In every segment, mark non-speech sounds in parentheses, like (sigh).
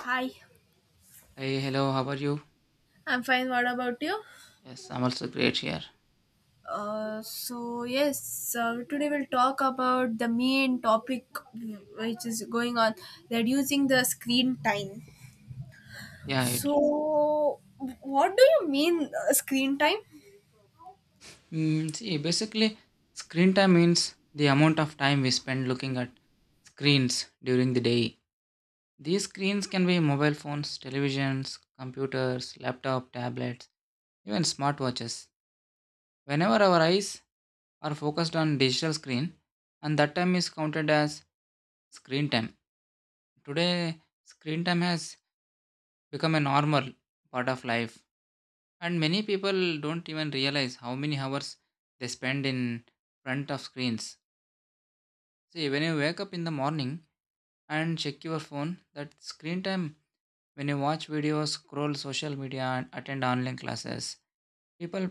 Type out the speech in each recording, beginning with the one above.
Hi. Hey, hello, how are you? I'm fine. What about you? Yes, I'm also great here. So yes, today we'll talk about the main topic which is going on, reducing the screen time. Yeah, it So, what do you mean screen time? See, basically screen time means the amount of time we spend looking at screens during the day. These screens can be mobile phones, televisions, computers, laptop, tablets, even smartwatches. Whenever our eyes are focused on digital screen, and that time is counted as screen time. Today screen time has become a normal part of life, and many people don't even realize how many hours they spend in front of screens. See, when you wake up in the morning and check your phone, that screen time, when you watch videos, scroll social media, and attend online classes, people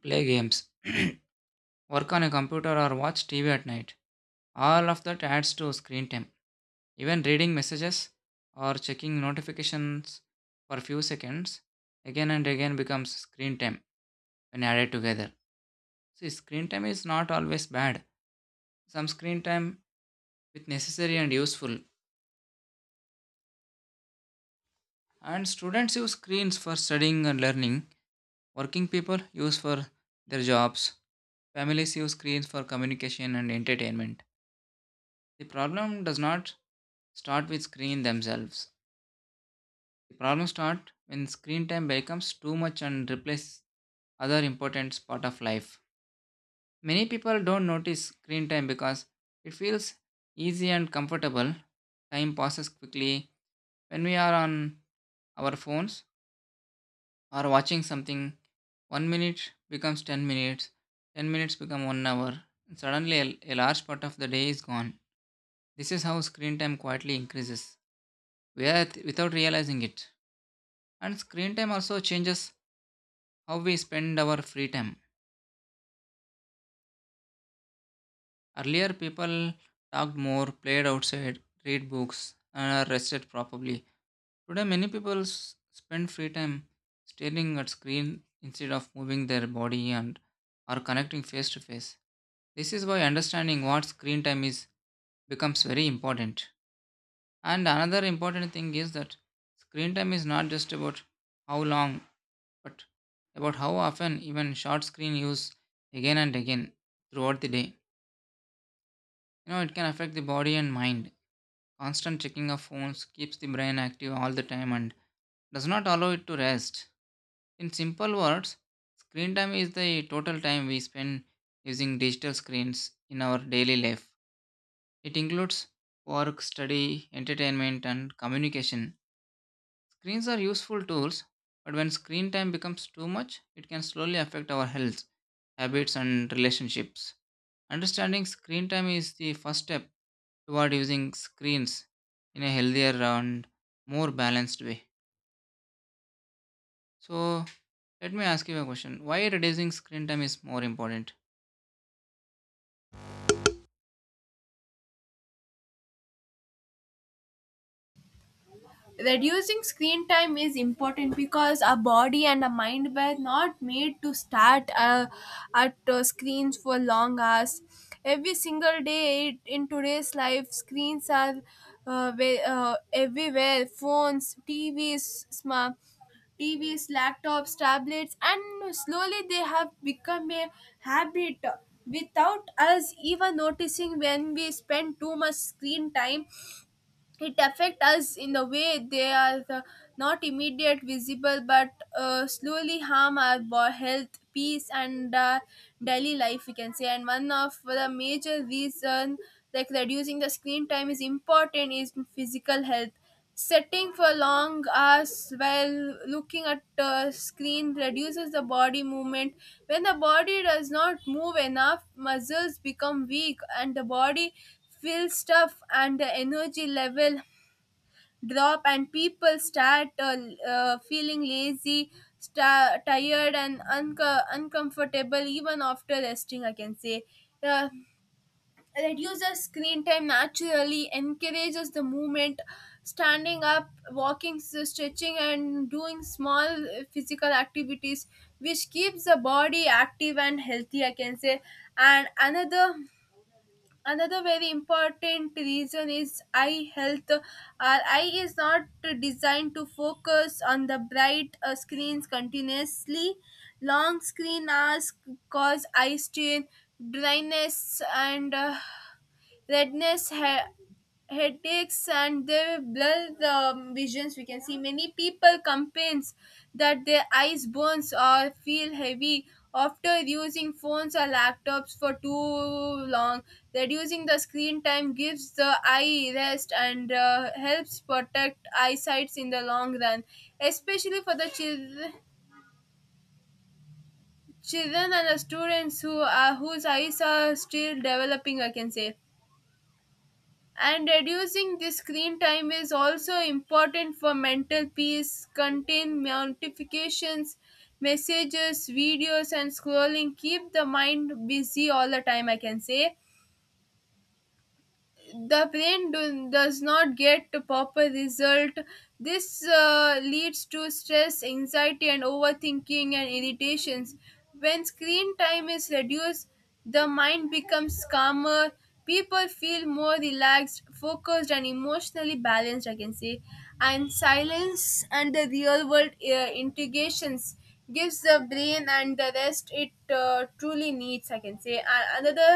play games, (coughs) (clears throat) work on a computer, or watch TV at night. All of that adds to screen time. Even reading messages or checking notifications for few seconds again and again becomes screen time when added together. See, screen time is not always bad. Some screen time with necessary and useful. And students use screens for studying and learning. Working people use for their jobs. Families use screens for communication and entertainment. The problem does not start with screens themselves. The problem starts when screen time becomes too much and replaces other important part of life. Many people don't notice screen time because it feels easy and comfortable. Time passes quickly when we are on our phones or watching something. 1 minute becomes 10 minutes, 10 minutes become 1 hour, and suddenly a large part of the day is gone. This is how screen time quietly increases without realizing it. And screen time also changes how we spend our free time. Earlier, people talked more, played outside, read books, and are rested properly. Today, many people spend free time staring at screen instead of moving their body and are connecting face to face. This is why understanding what screen time is becomes very important. And another important thing is that screen time is not just about how long, but about how often, even short screen use again and again throughout the day. You know, it can affect the body and mind. Constant checking of phones keeps the brain active all the time and does not allow it to rest. In simple words, screen time is the total time we spend using digital screens in our daily life. It includes work, study, entertainment, and communication. Screens are useful tools, but when screen time becomes too much, it can slowly affect our health, habits, and relationships. Understanding screen time is the first step toward using screens in a healthier and more balanced way. So, let me ask you a question, why reducing screen time is more important? Reducing screen time is important because our body and our mind were not made to start at screens for long hours every single day. In today's life, screens are everywhere, phones, tvs, smart TVs, laptops, tablets, and slowly they have become a habit without us even noticing. When we spend too much screen time, it affect us in the way they are not immediate visible but slowly harm our health, peace, and daily life, we can say. And one of the major reason like reducing the screen time is important is physical health. Sitting for long hours while looking at a screen reduces the body movement. When the body does not move enough, muscles become weak and the body feels stuff and the energy level drop, and people start feeling lazy, sta tired and uncomfortable even after resting, I can say. uh, Reduces screen time naturally encourages the movement, standing up, walking, stretching, and doing small physical activities, which keeps the body active and healthy, I can say. And another. Another very important reason is eye health. Our eye is not designed to focus on the bright screens continuously. Long screen hours cause eye strain, dryness, and redness, headaches, and they blur the visions. We can see many people complains that their eyes burns or feel heavy after using phones or laptops for too long. Reducing the screen time gives the eye rest and helps protect eyesight in the long run, especially for the children children and the students who are whose eyes are still developing, I can say. And reducing the screen time is also important for mental peace. Contain notifications, messages, videos and scrolling keep the mind busy all the time, I can say. The brain does not get a proper result. This leads to stress, anxiety and overthinking and irritations. When screen time is reduced, the mind becomes calmer, people feel more relaxed, focused and emotionally balanced, I can say. And silence and the real world integrations gives the brain and the rest it truly needs, I can say. And another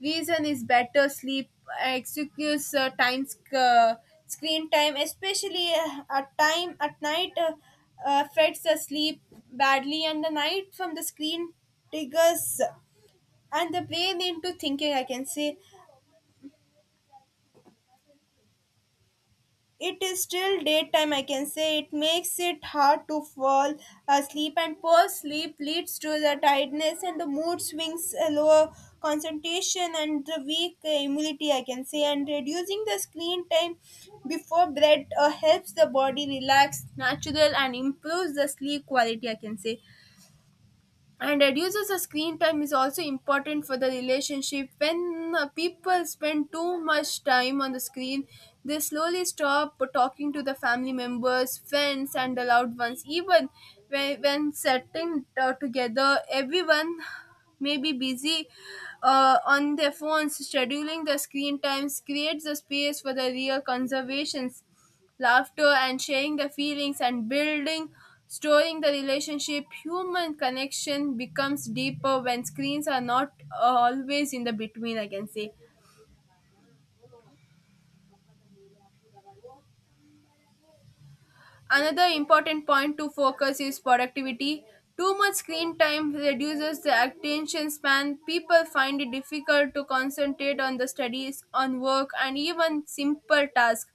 reason is better sleep. uh, excuse uh, time sc- uh, Screen time, especially at night, affects the sleep badly, and the night from the screen triggers and the brain into thinking, I can say. It is still daytime, I can say. It makes it hard to fall asleep, and poor sleep leads to the tiredness and the mood swings, lower concentration, and the weak immunity, I can say. And reducing the screen time before bed helps the body relax, natural, and improves the sleep quality, I can say. And reduces the screen time is also important for the relationship. When people spend too much time on the screen, they slowly stop talking to the family members, friends and the loved ones. Even when setting together, everyone may be busy on their phones. Scheduling the screen times creates a space for the real conversations, laughter and sharing the feelings, and building, storing the relationship. Human connection becomes deeper when screens are not always in the between, I can say. Another important point to focus is productivity. Too much screen time reduces the attention span. People find it difficult to concentrate on the studies, on work, and even simple tasks.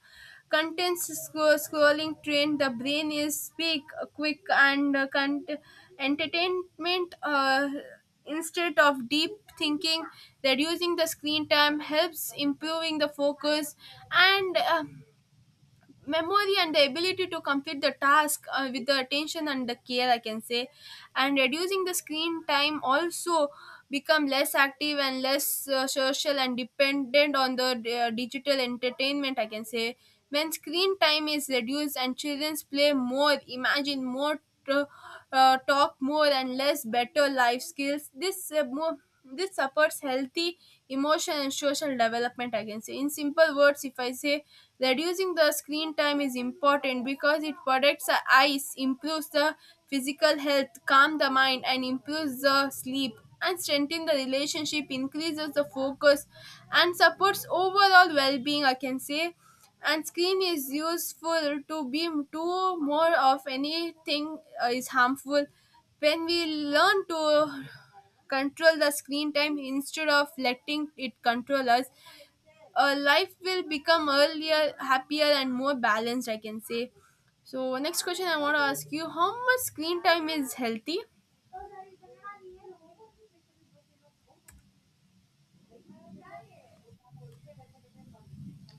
Content scrolling train the brain is speak quick and entertainment instead of deep thinking. Reducing the screen time helps improving the focus and memory and the ability to complete the task with the attention and the care, I can say. And reducing the screen time also become less active and less social and dependent on the digital entertainment, I can say. When screen time is reduced and children play more, imagine more, t- talk more and less better life skills. This more this supports healthy emotion and social development, I can say. In simple words, if I say, reducing the screen time is important because it protects the eyes, improves the physical health, calms the mind, and improves the sleep, and strengthen the relationship, increases the focus, and supports overall well-being, I can say. And screen is useful, to be too more of anything is harmful. When we learn to control the screen time instead of letting it control us, life will become earlier, happier, and more balanced, I can say. So, next question I want to ask you: how much screen time is healthy?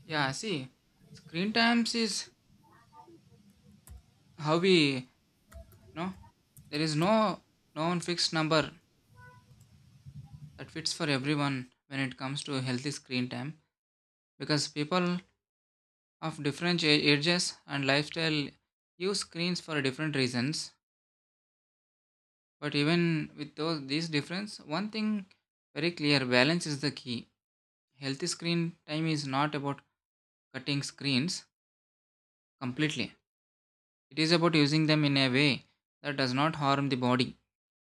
Yeah, see, screen times is how we know there is no known fixed number that fits for everyone when it comes to healthy screen time, because people of different ages and lifestyle use screens for different reasons, but even with those these difference, one thing very clear, balance is the key. Healthy screen time is not about cutting screens completely. It is about using them in a way that does not harm the body,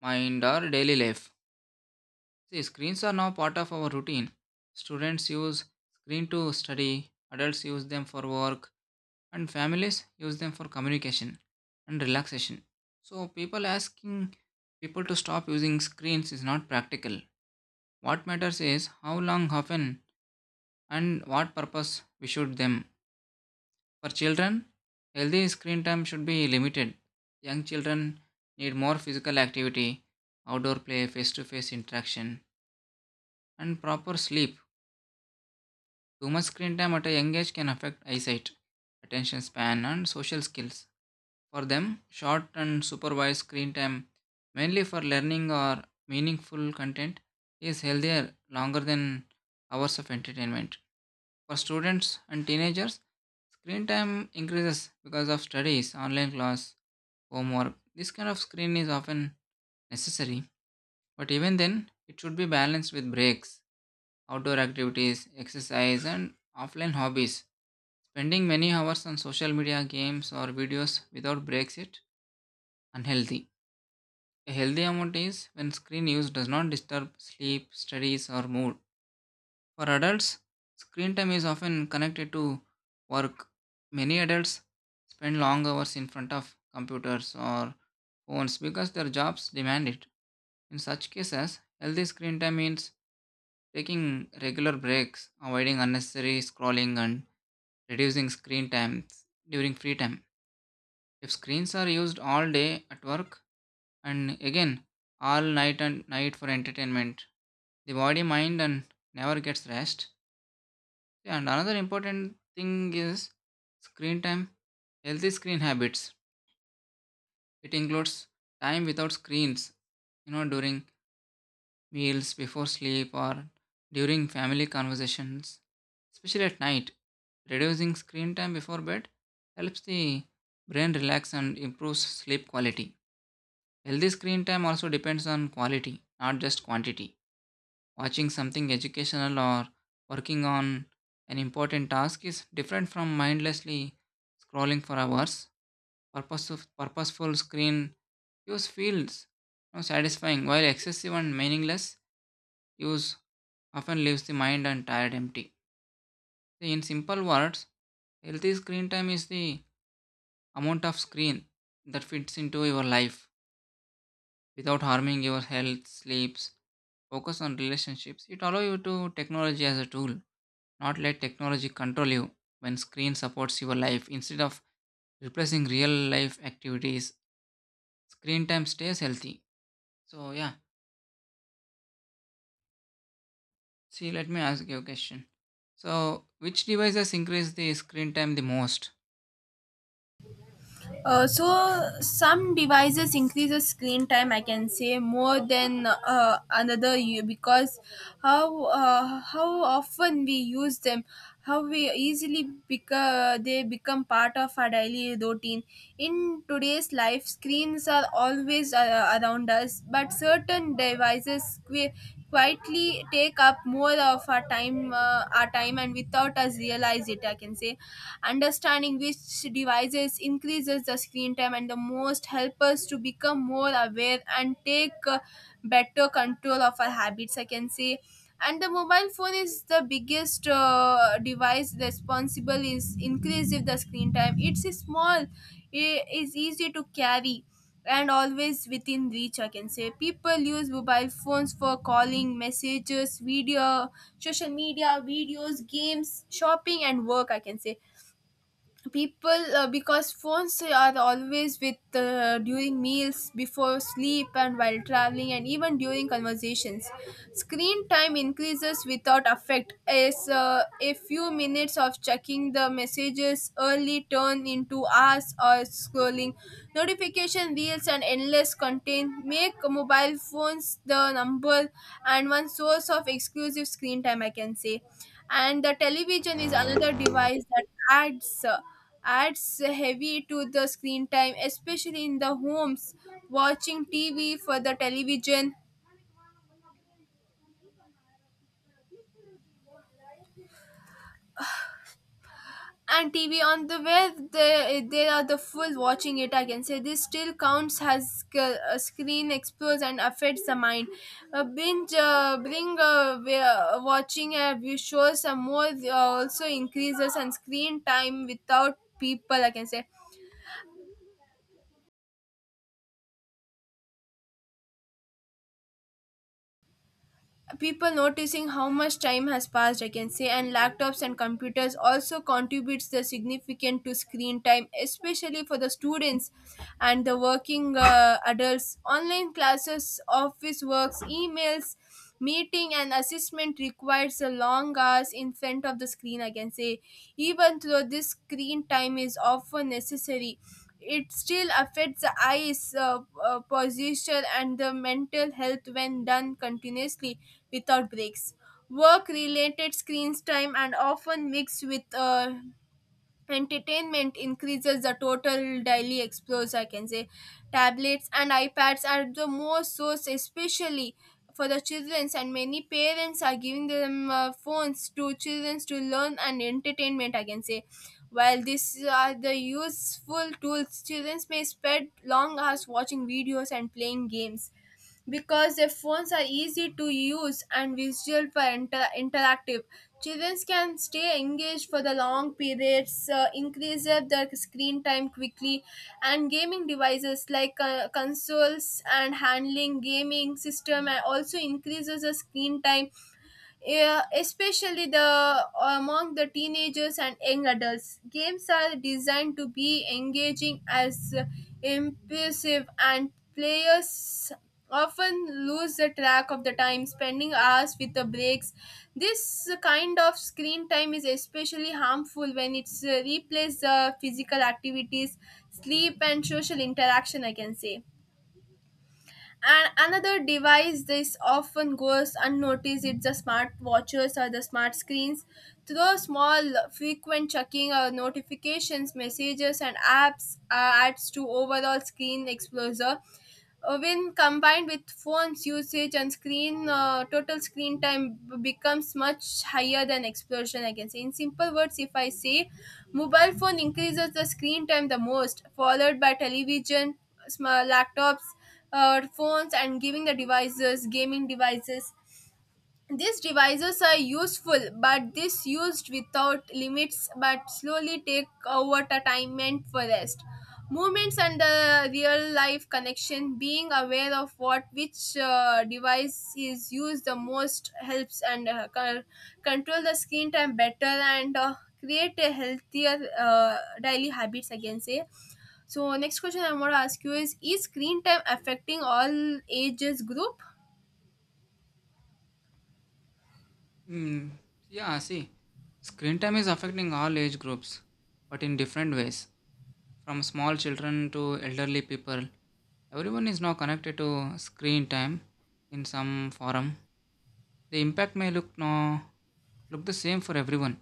mind, or daily life. See, screens are now part of our routine. Students use screen to study, adults use them for work, and families use them for communication and relaxation. So, people to stop using screens is not practical. What matters is how long, often, and what purpose we should them. For children, healthy screen time should be limited. Young children need more physical activity, outdoor play, face to face interaction, and proper sleep. Too much screen time at a young age can affect eyesight, attention span, and social skills. For them, short and supervised screen time, mainly for learning or meaningful content, is healthier longer than hours of entertainment. For students and teenagers, screen time increases because of studies, online class, homework. This kind of screen is often necessary, but even then, it should be balanced with breaks, outdoor activities, exercise, and offline hobbies. Spending many hours on social media, games, or videos without breaks is unhealthy. A healthy amount is when screen use does not disturb sleep, studies, or mood. For adults, screen time is often connected to work. Many adults spend long hours in front of computers or phones because their jobs demand it. In such cases, healthy screen time means taking regular breaks, avoiding unnecessary scrolling, and reducing screen times during free time. If screens are used all day at work and again all night and night for entertainment, the body, mind, and never gets rest. And another important thing is screen time, healthy screen habits. It includes time without screens, you know, during meals before sleep or during family conversations, especially at night. Reducing screen time before bed helps the brain relax and improves sleep quality. Healthy screen time also depends on quality, not just quantity. Watching something educational or working on an important task is different from mindlessly scrolling for hours. Purposeful screen use feels, you know, satisfying, while excessive and meaningless use often leaves the mind and tired empty. In simple words, healthy screen time is the amount of screen that fits into your life without harming your health, sleeps, focus on relationships. It allows you to technology as a tool, not let technology control you. When screen supports your life instead of replacing real life activities, screen time stays healthy. So yeah, see, let me ask you a question. So, which devices increase the screen time the most? Some devices increases screen time, I can say, more than another because how often we use them, how we easily they become part of our daily routine. In today's life, screens are always around us, but certain devices quietly take up more of our time, and without us realize it, I can say. Understanding which devices increases the screen time and the most help us to become more aware and take better control of our habits, I can say. And the mobile phone is the biggest device responsible is increase if the screen time. It's small, it is easy to carry and always within reach, I can say. People use mobile phones for calling, messages, video, social media, videos, games, shopping and work, I can say. People because phones are always with during meals, before sleep, and while traveling, and even during conversations, screen time increases without effect. As a few minutes of checking the messages early turn into hours or scrolling notification reels and endless content make mobile phones the number and one source of exclusive screen time, I can say. And the television is another device that adds heavy to the screen time, especially in the homes, watching tv for the television and tv on the web, they are the full watching it, I can say. This still counts as screen explores and affects the mind. Watching view shows and more also increases and screen time without people, I can say, people noticing how much time has passed, I can say. And laptops and computers also contributes the significant to screen time, especially for the students and the working adults. Online classes, office works, emails, meeting and assessment requires a long hours in front of the screen, I can say. Even though this screen time is often necessary, it still affects the eyes, posture and the mental health when done continuously without breaks. Work related screens time and often mixed with entertainment increases the total daily explores, I can say. Tablets and ipads are the most source, especially for the children, and many parents are giving them phones to children to learn and entertainment, I can say. While these are the useful tools, children may spend long hours watching videos and playing games because their phones are easy to use and visual for interactive. Children can stay engaged for the long periods, increase their screen time quickly. And gaming devices like consoles and handling gaming system and also increases the screen time, yeah, especially the among the teenagers and young adults. Games are designed to be engaging as impulsive, and players often lose the track of the time spending hours with the breaks. This kind of screen time is especially harmful when it's replaces the physical activities, sleep and social interaction, I can say. And another device this often goes unnoticed is the smart watches or the smart screens. Through small, frequent checking or notifications, messages, and apps adds to overall screen exposure. When combined with phones usage and screen total screen time becomes much higher than explosion, I can say. In simple words, if I say, mobile phone increases the screen time the most, followed by television, small laptops, phones and giving the devices, gaming devices. These devices are useful, but this used without limits, but slowly take over the time meant for rest, movements and the real life connection. Being aware of what which device is used the most helps and control the screen time better and create a healthier daily habits, I can say. So next question I want to ask you is screen time affecting all ages group? Hmm. Yeah, see, screen time is affecting all age groups, but in different ways. From small children to elderly people, everyone is now connected to screen time in some form. The impact may look no look the same for everyone,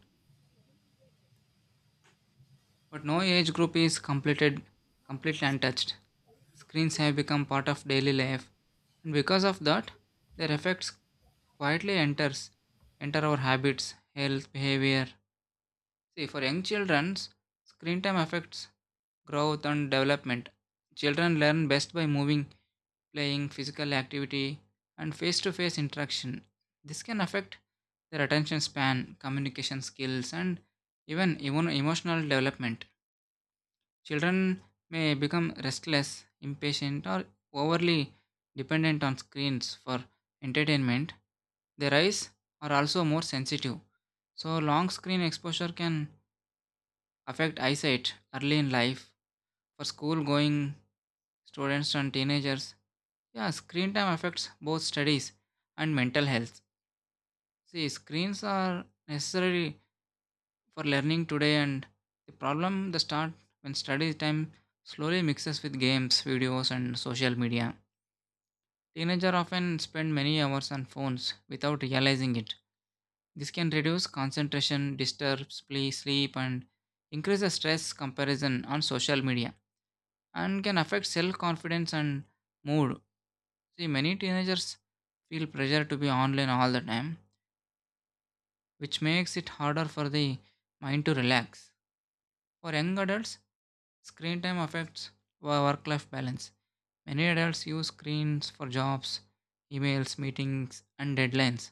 but no age group is completed completely untouched. Screens have become part of daily life, and because of that, their effects quietly enters enter our habits, health, behavior. See, for young children, screen time affects growth and development. Children learn best by moving, playing, physical activity, and face to face interaction. This can affect their attention span, communication skills, and even emotional development. Children may become restless, impatient, or overly dependent on screens for entertainment. Their eyes are also more sensitive, so long screen exposure can affect eyesight early in life. For school going students and teenagers, yeah, screen time affects both studies and mental health. See, screens are necessary for learning today, and the problem the start when study time slowly mixes with games, videos, and social media. Teenagers often spend many hours on phones without realizing it. This can reduce concentration, disturbs play, sleep, and increases stress comparison on social media and can affect self confidence and mood. See, many teenagers feel pressure to be online all the time, which makes it harder for the mind to relax. For young adults, screen time affects work life balance. Many adults use screens for jobs, emails, meetings, and deadlines.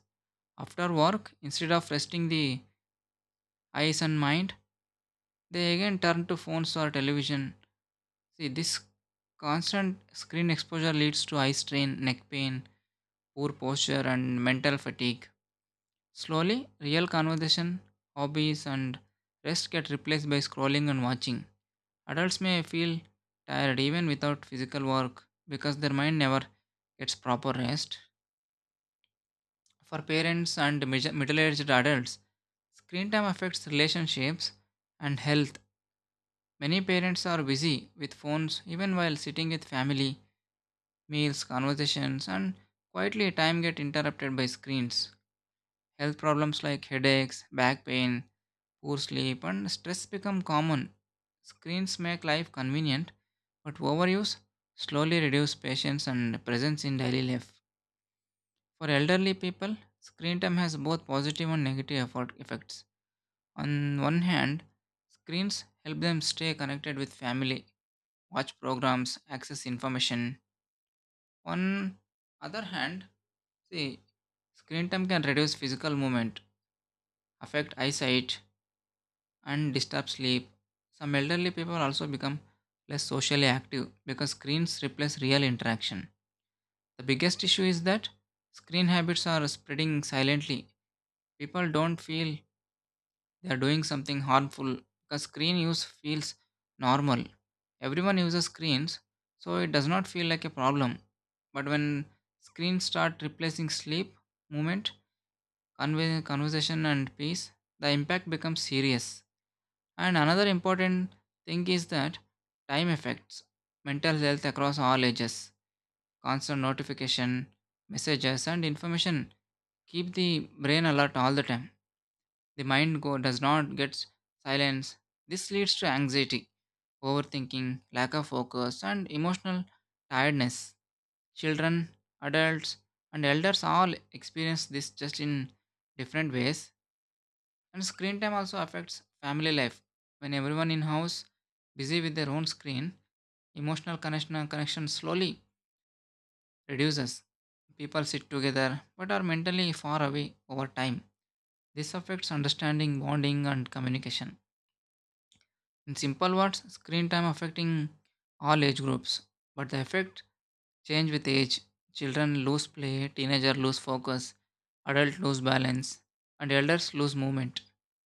After work, instead of resting the eyes and mind, they again turn to phones or television. See, this constant screen exposure leads to eye strain, neck pain, poor posture, and mental fatigue. Slowly, real conversation, hobbies, and rest get replaced by scrolling and watching. Adults may feel tired even without physical work because their mind never gets proper rest. For parents and middle aged adults, screen time affects relationships and health. Many parents are busy with phones even while sitting with family, meals, conversations, and quietly time get interrupted by screens. Health problems like headaches, back pain, poor sleep, and stress become common. Screens make life convenient, but overuse slowly reduces patience and presence in daily life. For elderly people, screen time has both positive and negative effort effects. On one hand, screens help them stay connected with family, watch programs, access information. On other hand, see, screen time can reduce physical movement, affect eyesight, and disturb sleep. Some elderly people also become less socially active because screens replace real interaction. The biggest issue is that screen habits are spreading silently. People don't feel they are doing something harmful because screen use feels normal. Everyone uses screens, so it does not feel like a problem. But when screens start replacing sleep, movement, conversation, and peace, the impact becomes serious. And another important thing is that time affects mental health across all ages. Constant notification, messages, and information keep the brain alert all the time. Does not get silence. This leads to anxiety, overthinking, lack of focus, and emotional tiredness. Children, adults, and elders all experience this just in different ways. And screen time also affects family life. When everyone in house busy with their own screen, emotional connection slowly reduces. People sit together but are mentally far away over time. This affects understanding, bonding, and communication. In simple words, screen time affecting all age groups, but the effect change with age. Children lose play, teenager lose focus, adult lose balance, and elders lose movement.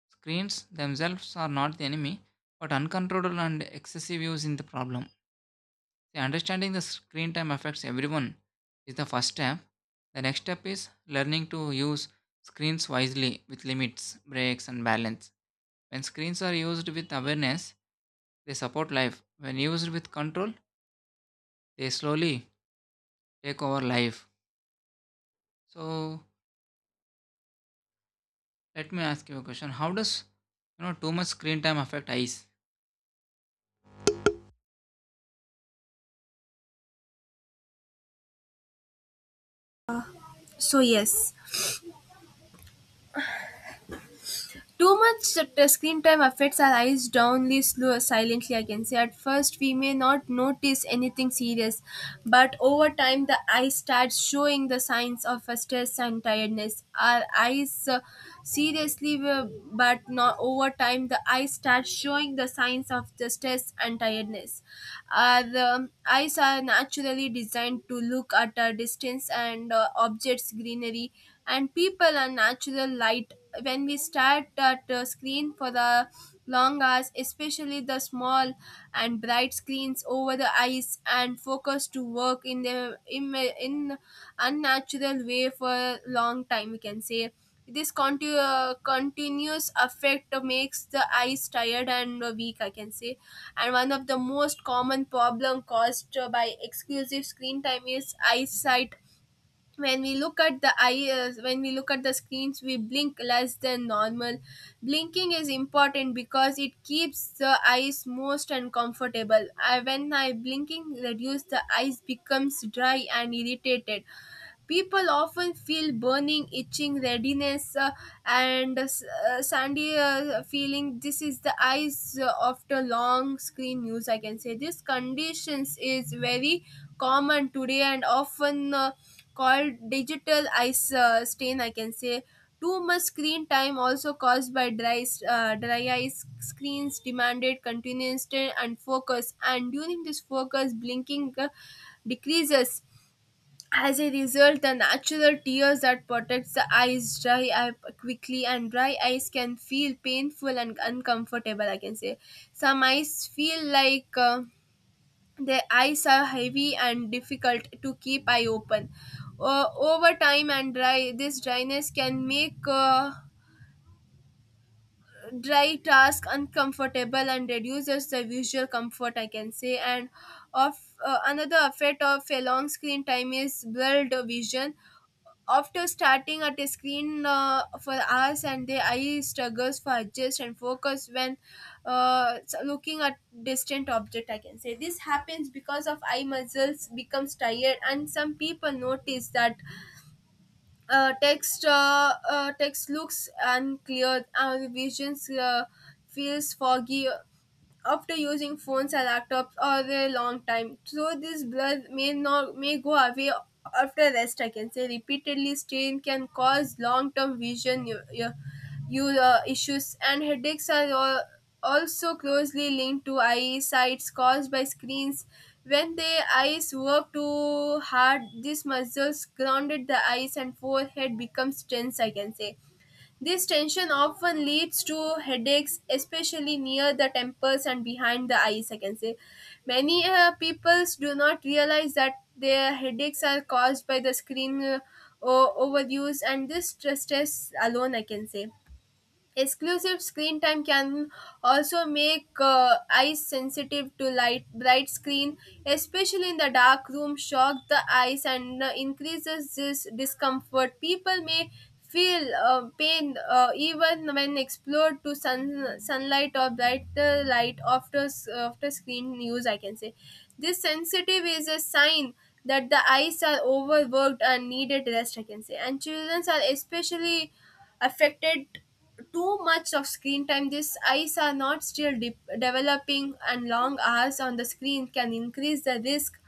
Screens themselves are not the enemy, but uncontrolled and excessive use is the problem. See, understanding the screen time affects everyone is the first step. The next step is learning to use screens wisely with limits, breaks, and balance. When screens are used with awareness, they support life. When used with control, they slowly take over life. So, let me ask you a question: how does, you know, too much screen time affect eyes? So yes. Too much screen time affects our eyes Downly, slow, silently, I can say. At first, we may not notice anything serious, but over time, the eye starts showing the signs of a stress and tiredness. Our eyes seriously, but not over time, the eye starts showing the signs of the stress and tiredness. Our eyes are naturally designed to look at a distance and objects, greenery, and people and natural light when we stare at a screen for the long hours, especially the small and bright screens over the eyes and focus to work in unnatural way for a long time, we can say this continuous effect makes the eyes tired and weak, I can say. And one of the most common problem caused by exclusive screen time is eyesight. When we look at the eyes, when we look at the screens, we blink less than normal. Blinking is important because it keeps the eyes moist and comfortable. I, when I blinking reduce the eyes becomes dry and irritated. People often feel burning, itching, readiness, and sandy feeling. This is the eyes after long screen use. I can say this conditions is very common today and often called digital eye stain, I can say. Too much screen time also caused by dry, dry eyes. Screens demanded continuous and focus, and during this focus, blinking decreases. As a result, the natural tears that protects the eyes dry up quickly, and dry eyes can feel painful and uncomfortable, I can say. Some eyes feel like their eyes are heavy and difficult to keep eye open. Over time and dry, this dryness can make dry task uncomfortable and reduces the visual comfort, I can say. And of another effect of a long screen time is blurred vision. After starting at a screen for hours, and the eye struggles for adjust and focus when looking at distant object, I can say this happens because of eye muscles becomes tired, and some people notice that text looks unclear, our visions feels foggy after using phones or laptops or a long time. So this blood may not may go away after rest, I can say. Repeatedly strain can cause long term vision issues, and headaches are also closely linked to eyesight caused by screens. When the eyes work too hard, these muscles grounded the eyes and forehead becomes tense, I can say. This tension often leads to headaches, especially near the temples and behind the eyes, I can say. Many people do not realize that their headaches are caused by the screen overuse and this stress alone, I can say. Exclusive screen time can also make eyes sensitive to light. Bright screen, especially in the dark room, shock the eyes and increases this discomfort. People may feel pain even when exposed to sunlight or brighter light after after screen use, I can say. This sensitive is a sign that the eyes are overworked and needed rest, I can say. And children are especially affected. Too much of screen time, these eyes are not still developing, and long hours on the screen can increase the risk,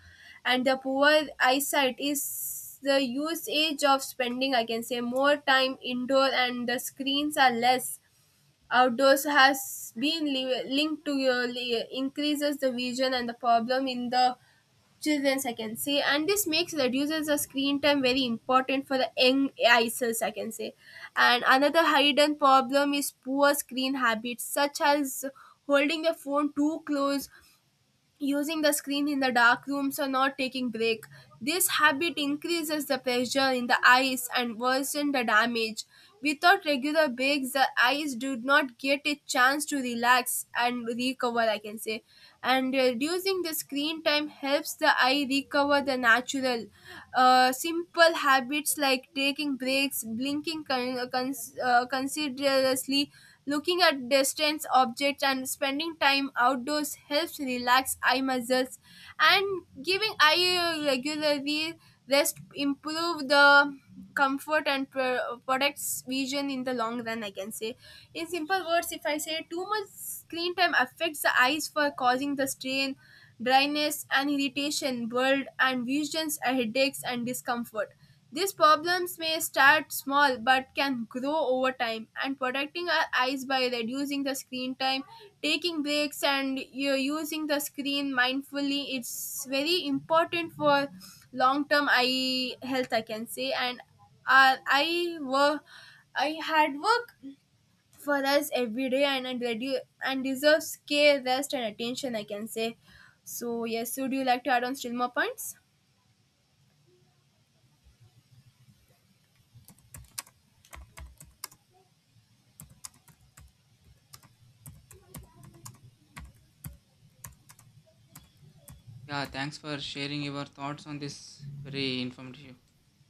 and the poor eyesight is the usage of spending, I can say, more time indoor and the screens are less outdoors, has been linked to your increases the vision and the problem in the children's, I can say. And this makes reduces the screen time very important for the young eye cells, I can say. And another hidden problem is poor screen habits, such as holding the phone too close, using the screen in the dark rooms or not taking break. This habit increases the pressure in the eyes and worsen the damage. Without regular breaks, the eyes do not get a chance to relax and recover, I can say. And reducing the screen time helps the eye recover the natural simple habits like taking breaks, blinking considerably. Looking at distant objects and spending time outdoors helps relax eye muscles, and giving eye regularly rest improve the comfort and products vision in the long run, I can say. In simple words, if I say, too much screen time affects the eyes for causing the strain, dryness and irritation, blurred and visions, headaches and discomfort. These problems may start small but can grow over time, and protecting our eyes by reducing the screen time, taking breaks, and you using the screen mindfully, it's very important for long term eye health, I can say. And our eye work, I had work for us every day, and and deserves care, rest, and attention, I can say. So, yes, would you like to add on still more points? Yeah, thanks for sharing your thoughts on this very informative,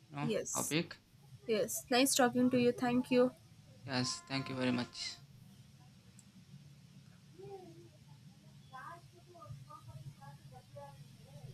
you know, Yes, topic. yes. Nice talking to you. Thank you. Yes, thank you very much.